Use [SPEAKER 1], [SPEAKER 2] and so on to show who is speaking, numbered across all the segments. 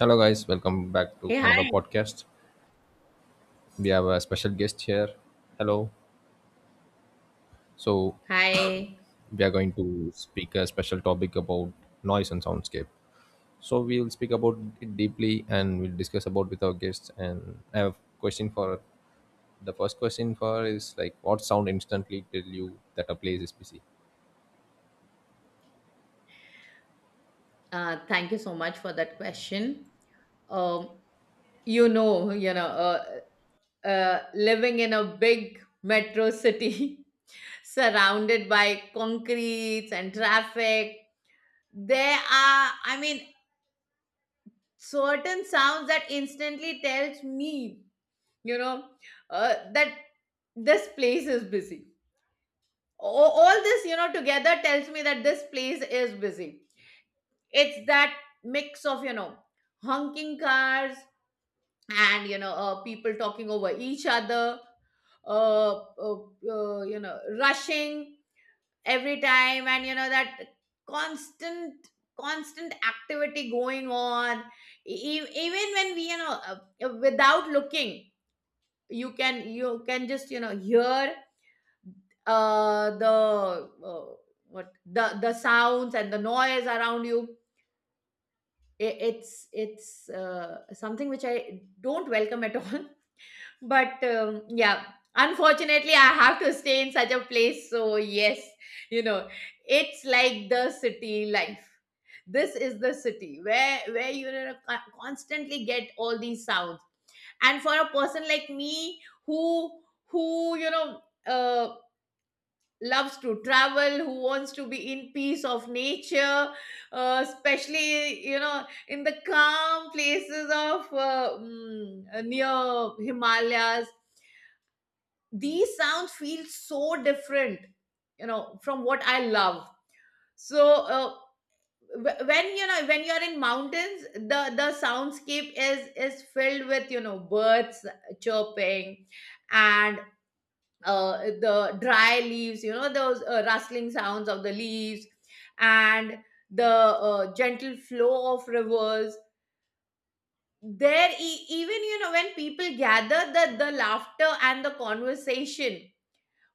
[SPEAKER 1] Hello, guys. Welcome back to
[SPEAKER 2] Hey,
[SPEAKER 1] another
[SPEAKER 2] hi.
[SPEAKER 1] podcast. We have a special guest here. Hello. So,
[SPEAKER 2] Hi.
[SPEAKER 1] we are going to speak a special topic about noise and soundscape. So, we will speak about it deeply and we'll discuss about with our guests. And I have question for the first question for is like, what sound instantly tell you that a place is busy?
[SPEAKER 2] Thank you so much for that question. Um, you know, you know, uh, living in a big metro city surrounded by concretes and traffic, there are, certain sounds that instantly tells me, you know, that this place is busy. A- All this, together tells me that this place is busy. It's that mix of honking cars and people talking over each other, uh, uh, rushing every time, and that constant constant activity going on. Even when we, without looking, you can just hear uh, the uh, the sounds and the noise around you. It's something which I don't welcome at all. But yeah, unfortunately, I have to stay in such a place. So yes, you know, it's like the city life. This is the city where, constantly, get all these sounds. And for a person like me who uh, loves to travel, who wants to be in peace of nature, especially in the calm places of near himalayas. These sounds feel so different, from what I love. so uh, when when you're in mountains, the soundscape is filled with birds chirping and the dry leaves, those rustling sounds of the leaves, and the gentle flow of rivers. Even, when people gather, the laughter and the conversation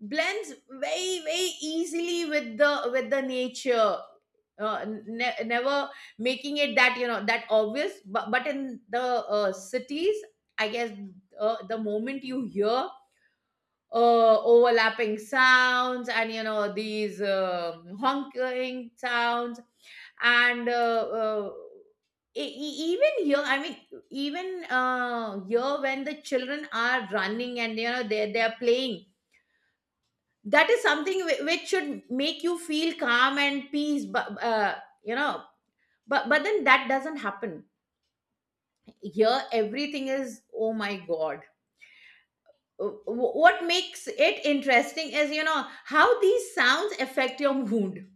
[SPEAKER 2] blends very, very easily with the nature. Never making it that, that obvious. But in the cities, I guess, the moment you hear overlapping sounds and these honking sounds and even here, even here when the children are running and they are playing, that is something which should make you feel calm and peace. But you know but then that doesn't happen. Here everything is, oh my god. What makes it interesting is how these sounds affect your mood.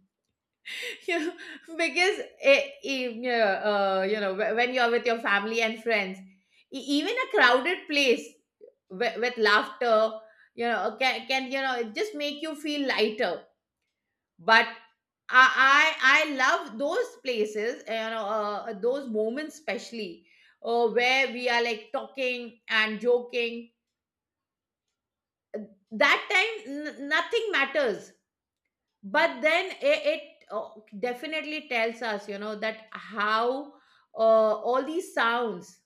[SPEAKER 2] you know because yeah, when you're with your family and friends, e- even a crowded place with laughter, can just make you feel lighter. But i I love those places, those moments especially, where we are like talking and joking. That time nothing matters. But then it uh, definitely tells us, that how all these sounds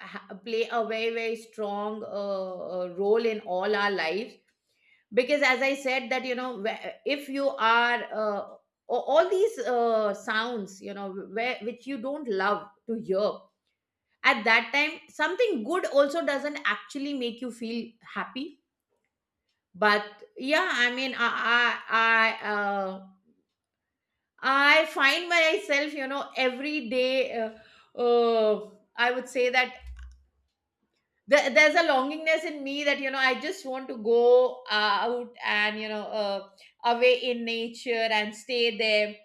[SPEAKER 2] play a very, very strong, role in all our lives. Because as I said that, if you are, all these sounds, where which you don't love to hear, at that time something good also doesn't actually make you feel happy. But yeah, i i, uh, I find myself, every day, I would say that there's a longingness in me that, I just want to go out and away in nature and stay there.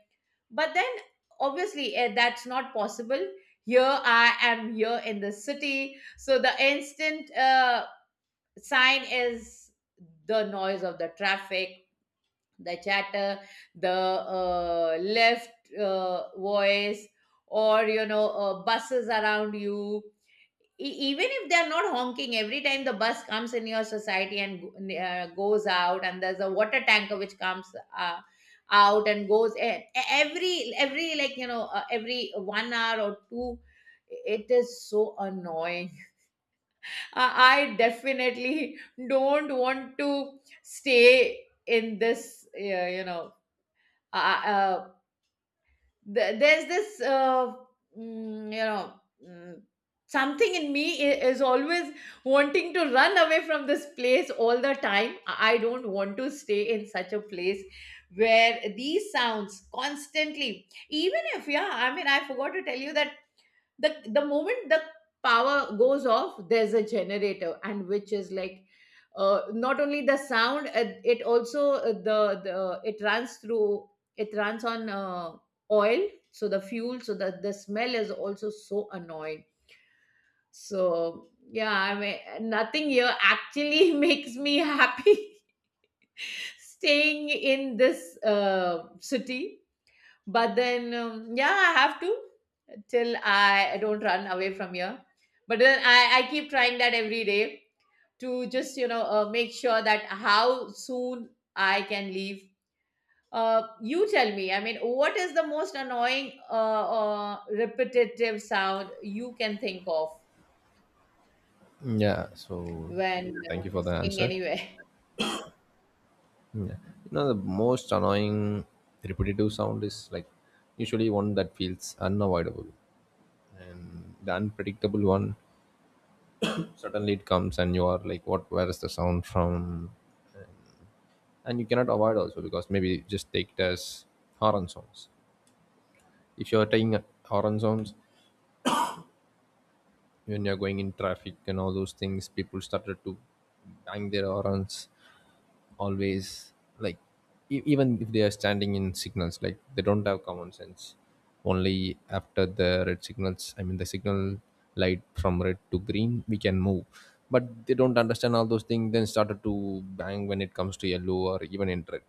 [SPEAKER 2] But then, obviously, that's not possible here. I am here in the city, so the instant sign is the noise of the traffic, the chatter, the left voice, or buses around you. Even if they are not honking every time, the bus comes in your society and goes out, and there's a water tanker which comes uh, out and goes in. Every like every 1 hour or two, it is so annoying. I definitely don't want to stay in this uh, you know uh, uh, uh, there's this mm, you know mm, something in me I- is always wanting to run away from this place all the time. I don't want to stay in such a place where these sounds constantly. Even if, yeah, I forgot to tell you that the moment the power goes off, there's a generator, and which is like, not only the sound, it also the it runs through, it runs on oil, so the fuel, so that the smell is also so annoying. So yeah, nothing here actually makes me happy staying in this city. But then, yeah, I have to, till I, don't run away from here. But then I keep trying that every day, to just make sure that how soon I can leave. You tell me, what is the most annoying, repetitive sound you can think of
[SPEAKER 1] Yeah, so
[SPEAKER 2] when
[SPEAKER 1] thank you for the
[SPEAKER 2] staying
[SPEAKER 1] answer.
[SPEAKER 2] anywhere?
[SPEAKER 1] Yeah. You know, the most annoying repetitive sound is like usually one that feels unavoidable. The unpredictable one, suddenly it comes and you are like, what, where is the sound from? And you cannot avoid also, because maybe just take it as horn sounds. If you're taking horn sounds when you're going in traffic and all those things, people started to bang their horns always, like even if they are standing in signals, like they don't have common sense. Only after the red signals, I mean the signal light from red to green we can move, but they don't understand all those things, then started to bang when it comes to yellow or even in red.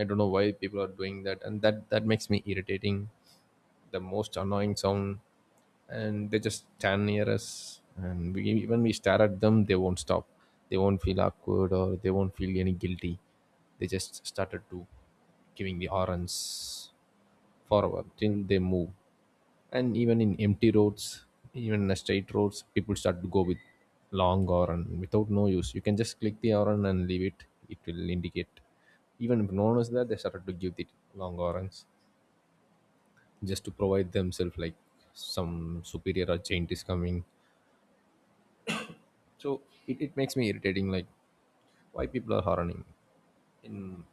[SPEAKER 1] I don't know why people are doing that, and that makes me irritating, the most annoying sound. And they just stand near us, and we, even we stare at them, they won't stop, they won't feel awkward or they won't feel any guilty. They just started to giving the horns forward till they move. And even in empty roads, even in a straight roads, people start to go with long horn without no use. You can just click the horn and leave it, it will indicate. Even if no one is there, they started to give the long horns, just to provide themselves like some superior agent is coming. So it makes me irritating, like why people are hardening in.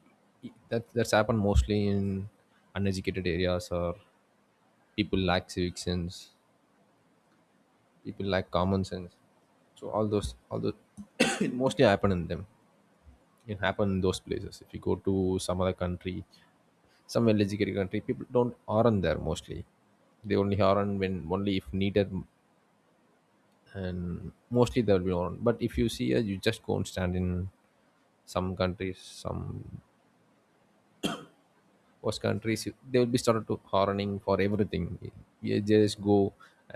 [SPEAKER 1] That's happened mostly in uneducated areas, or people lack civic sense, people lack common sense. So all those it mostly happen in them. It happen in those places. If you go to some other country, some well educated country, people don't harden there mostly. They only harden when only if needed, and mostly there will be on. But if you see, you just go and stand in some countries, some host countries, they will be started to horning for everything. You just go,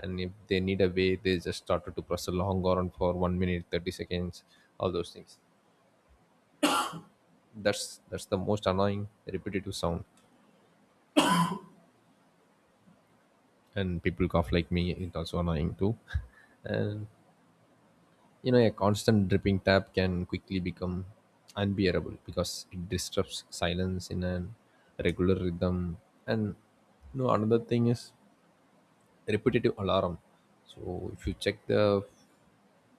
[SPEAKER 1] and if they need a way, they just started to press a long horn for 1 minute, 30 seconds, all those things. That's the most annoying repetitive sound, and people cough like me. It's also annoying too, and you know, a constant dripping tap can quickly become unbearable because it disrupts silence in an regular rhythm. And you know, another thing is repetitive alarm. So if you check the,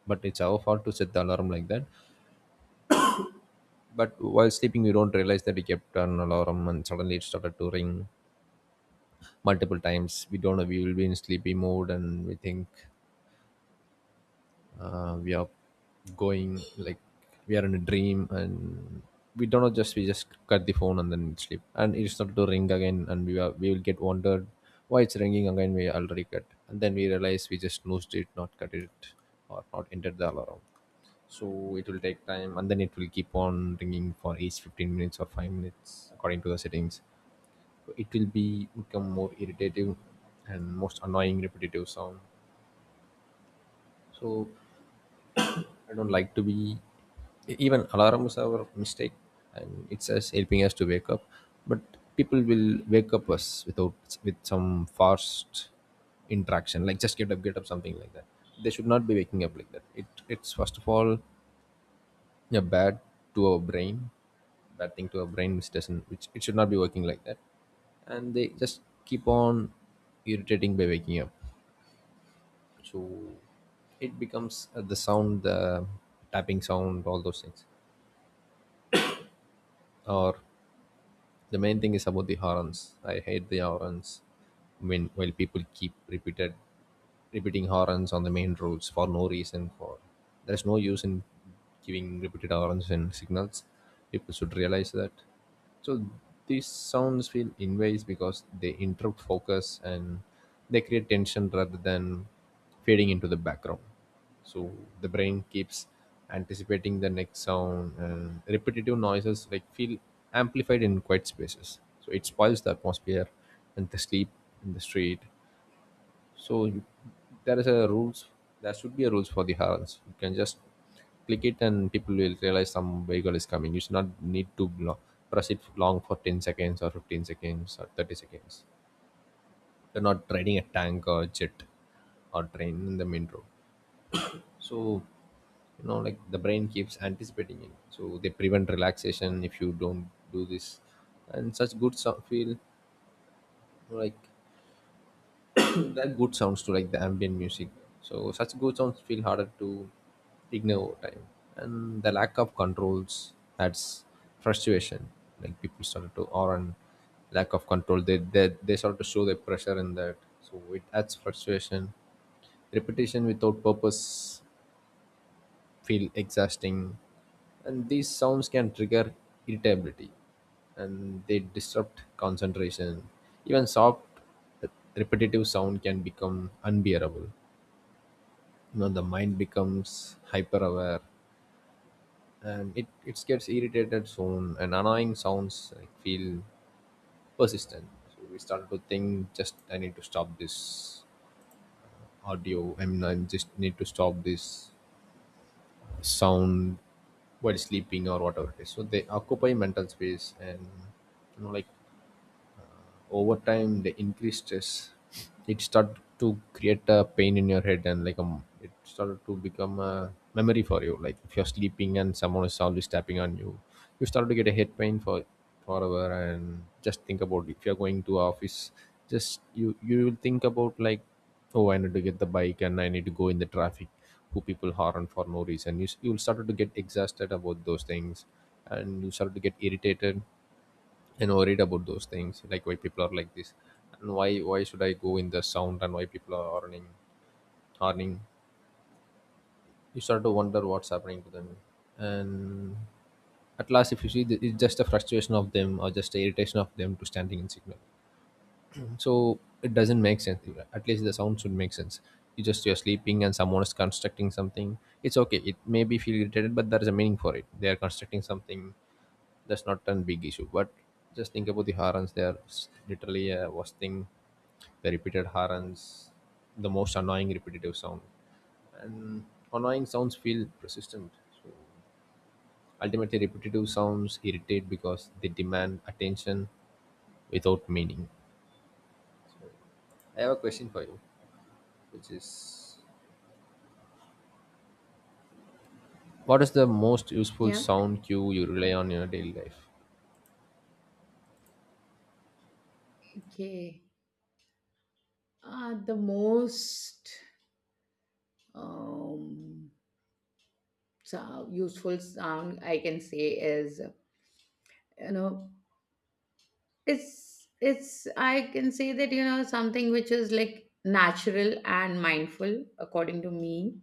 [SPEAKER 1] but it's our fault to set the alarm like that. But while sleeping we don't realize that we kept an alarm, and suddenly it started to ring multiple times. We don't know, we will be in sleepy mode and we think we are going like we are in a dream, and we don't know, just we just cut the phone and then sleep, and it started to ring again, and we will get wondered why it's ringing again, we already cut, and then we realize we just snoozed it, not cut it, or not entered the alarm. So it will take time, and then it will keep on ringing for each 15 minutes or 5 minutes according to the settings. So it will be become more irritating, and most annoying repetitive sound. So I don't like to be, e, even alarms are a mistake, and it's us helping us to wake up. But people will wake up us without, with some fast interaction, like just get up, get up, something like that. They should not be waking up like that. It's first of all a bad to our brain, bad thing to our brain, which doesn't, which it should not be working like that. And they just keep on irritating by waking up. So it becomes the sound, the tapping sound, all those things, or the main thing is about the horns. I hate the horns, when while people keep repeated repeating horns on the main roads for no reason, for there's no use in giving repeated horns and signals. People should realize that. So these sounds feel invasive because they interrupt focus, and they create tension rather than fading into the background. So the brain keeps anticipating the next sound, and repetitive noises like feel amplified in quiet spaces, so it spoils the atmosphere and the sleep in the street. So you, there is a rules, there should be a rules for the horns. You can just click it and people will realize some vehicle is coming, you should not need to press it long for 10 seconds or 15 seconds or 30 seconds. You're not riding a tank or jet or train in the main road. So you know, like the brain keeps anticipating it, so they prevent relaxation if you don't do this. And such good sound feel like that good sounds to, like the ambient music. So such good sounds feel harder to ignore over time, and the lack of controls adds frustration. Like people started to, or and lack of control, they start to show their pressure in that, so it adds frustration. Repetition without purpose feel exhausting, and these sounds can trigger irritability, and they disrupt concentration. Even soft repetitive sound can become unbearable. You know, the mind becomes hyper aware, and it gets irritated soon, and annoying sounds like, feel persistent. So we start to think, just I need to stop this audio, I mean I just need to stop this sound while sleeping or whatever it is. So they occupy mental space, and you know, like over time the increased stress, it started to create a pain in your head, and like it started to become a memory for you. Like if you're sleeping and someone is always tapping on you, you start to get a head pain for forever. And just think about, if you're going to office, just you will think about like, oh I need to get the bike and I need to go in the traffic, who people harm for no reason. You you'll start to get exhausted about those things, and you start to get irritated and worried about those things, like why people are like this, and why should I go in the sound, and why people are earning, earning. You start to wonder what's happening to them. And at last, if you see, that it's just a frustration of them, or just a irritation of them, to standing in signal. So it doesn't make sense. At least the sound should make sense. You just, you're sleeping and someone is constructing something, it's okay, it may be feel irritated, but there is a meaning for it, they are constructing something, that's not a big issue. But just think about the harans. They are literally a worst thing. The repeated harans, the most annoying repetitive sound, and annoying sounds feel persistent. So ultimately, repetitive sounds irritate because they demand attention without meaning. I have a question for you, which is, what is the most useful
[SPEAKER 2] Yeah.
[SPEAKER 1] sound cue you rely on in your daily life?
[SPEAKER 2] Okay. The most, um, so useful sound I can say is, you know it's I can say that, something which is like natural and mindful according to me.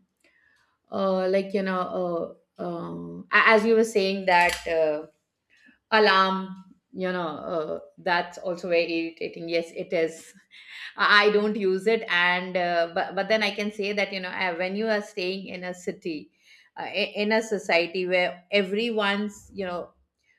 [SPEAKER 2] uh like you know as you were saying that, alarm, that's also very irritating, yes it is. I don't use it. And but then I can say that, when you are staying in a city, in a society where everyone's,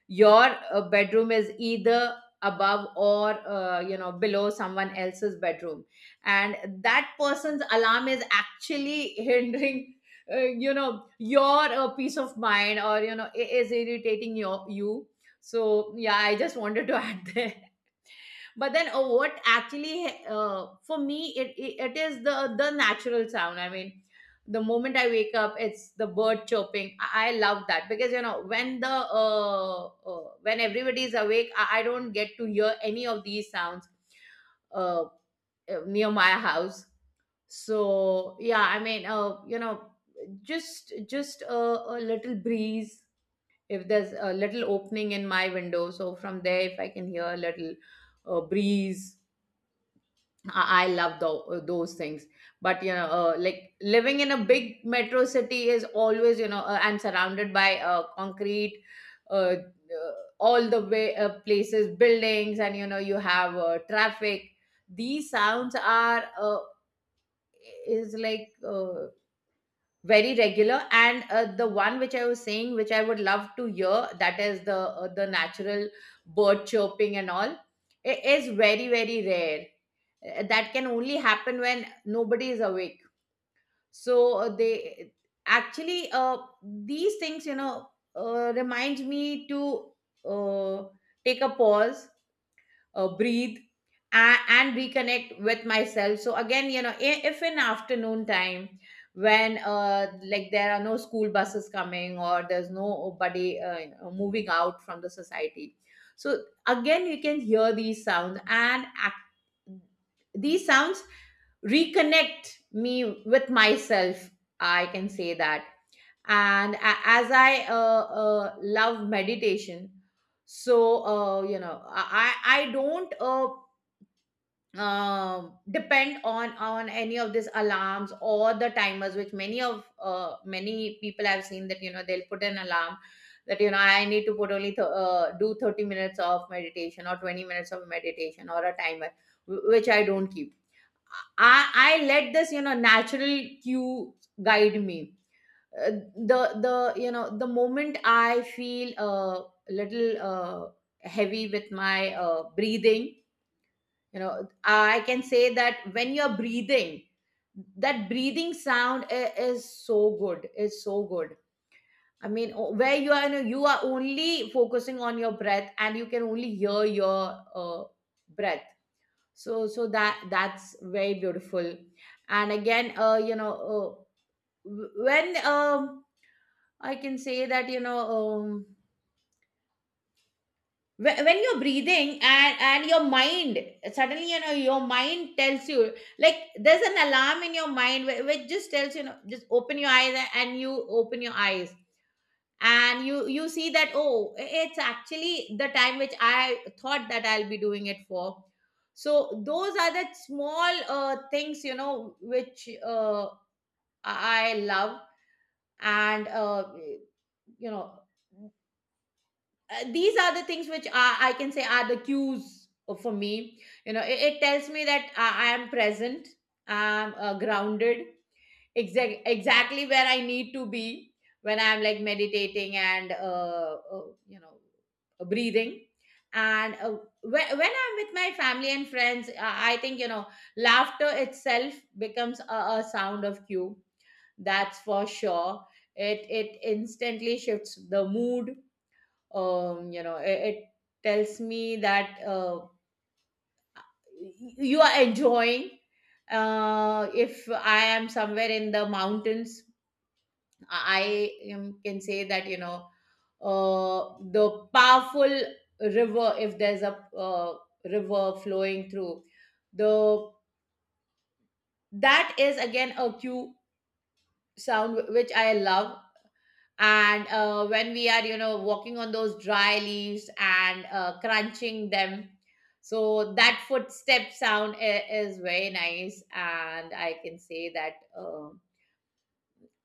[SPEAKER 2] your bedroom is either above or, below someone else's bedroom, and that person's alarm is actually hindering, your peace of mind, or is irritating you. So yeah, I just wanted to add. But then, what actually, for me it is the natural sound. The moment I wake up, it's the bird chirping. I love that, because, when the when everybody is awake, I don't get to hear any of these sounds uh, near my house. So yeah, I mean, you know just a little breeze. If there's a little opening in my window, so from there if I can hear a little breeze, I love those things. But, you know, like living in a big metro city is always, you know, and surrounded by concrete, uh, uh, all the way, places, buildings, and, you know, you have traffic. These sounds are, is like very regular. And the one which I was saying, which I would love to hear, that is the natural bird chirping and all. It is very, very rare. That can only happen when nobody is awake. So they actually, these things, reminds me to uh, take a pause, breathe, and reconnect with myself. So again, if in afternoon time, when like there are no school buses coming, or there's nobody, moving out from the society, so again you can hear these sounds, these sounds reconnect me with myself, I can say that. And as i love meditation, so, I don't, depend on any of these alarms or the timers, which many of, many people I've seen that, they'll put an alarm, that, I need to put only, do 30 minutes of meditation or 20 minutes of meditation, or a timer, which I don't keep. I let this, natural cue, guide me. The you know The moment I feel a little heavy with my breathing, I can say that when you're breathing, that breathing sound, is so good, is so good. Where you are, you know, you are only focusing on your breath, and you can only hear your breath. So that's very beautiful. And again, when, I can say that, when you're breathing, and your mind suddenly, your mind tells you, like there's an alarm in your mind, which just tells you, you know just open your eyes, and you open your eyes, and you see that, oh, it's actually the time which I thought that I'll be doing it for. So those are the small things, which, I love. And, you know these are the things which are, I can say, are the cues for me. You know, it tells me that I am present, I'm grounded, exactly where I need to be when I'm like meditating and, breathing. And when, I'm with my family and friends, I think, you know, laughter itself becomes a sound of cue. That's for sure. It instantly shifts the mood. It tells me that, y- you are enjoying. If I am somewhere in the mountains, I am, can say that, the powerful river, if there's a river flowing through the, that is again a cue sound which I love. And when we are, walking on those dry leaves and crunching them, so that footstep sound is very nice. And I can say that, uh,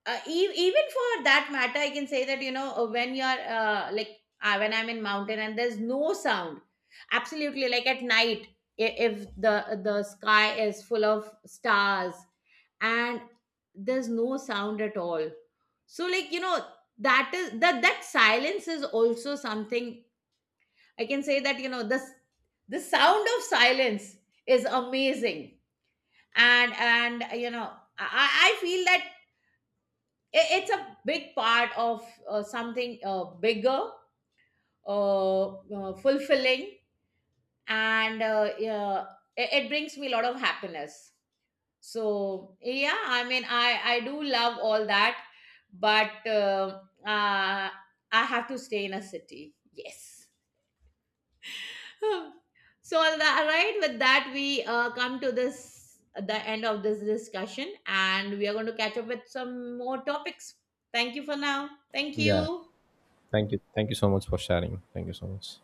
[SPEAKER 2] uh, e- even for that matter, I can say that, when you're, when I'm in mountain and there's no sound, absolutely, like at night, if the sky is full of stars, and there's no sound at all. So, like that silence is also something, I can say that, this, the sound of silence is amazing. And you know, I feel that it's a big part of, something, bigger, uh, fulfilling. And yeah, it brings me a lot of happiness. So yeah, I do love all that. But I have to stay in a city, yes. So all that, right, with that we come to this, the end of this discussion, and we are going to catch up with some more topics. Thank you for now, thank
[SPEAKER 1] Yeah.
[SPEAKER 2] you.
[SPEAKER 1] Thank you. Thank you so much for sharing. Thank you so much.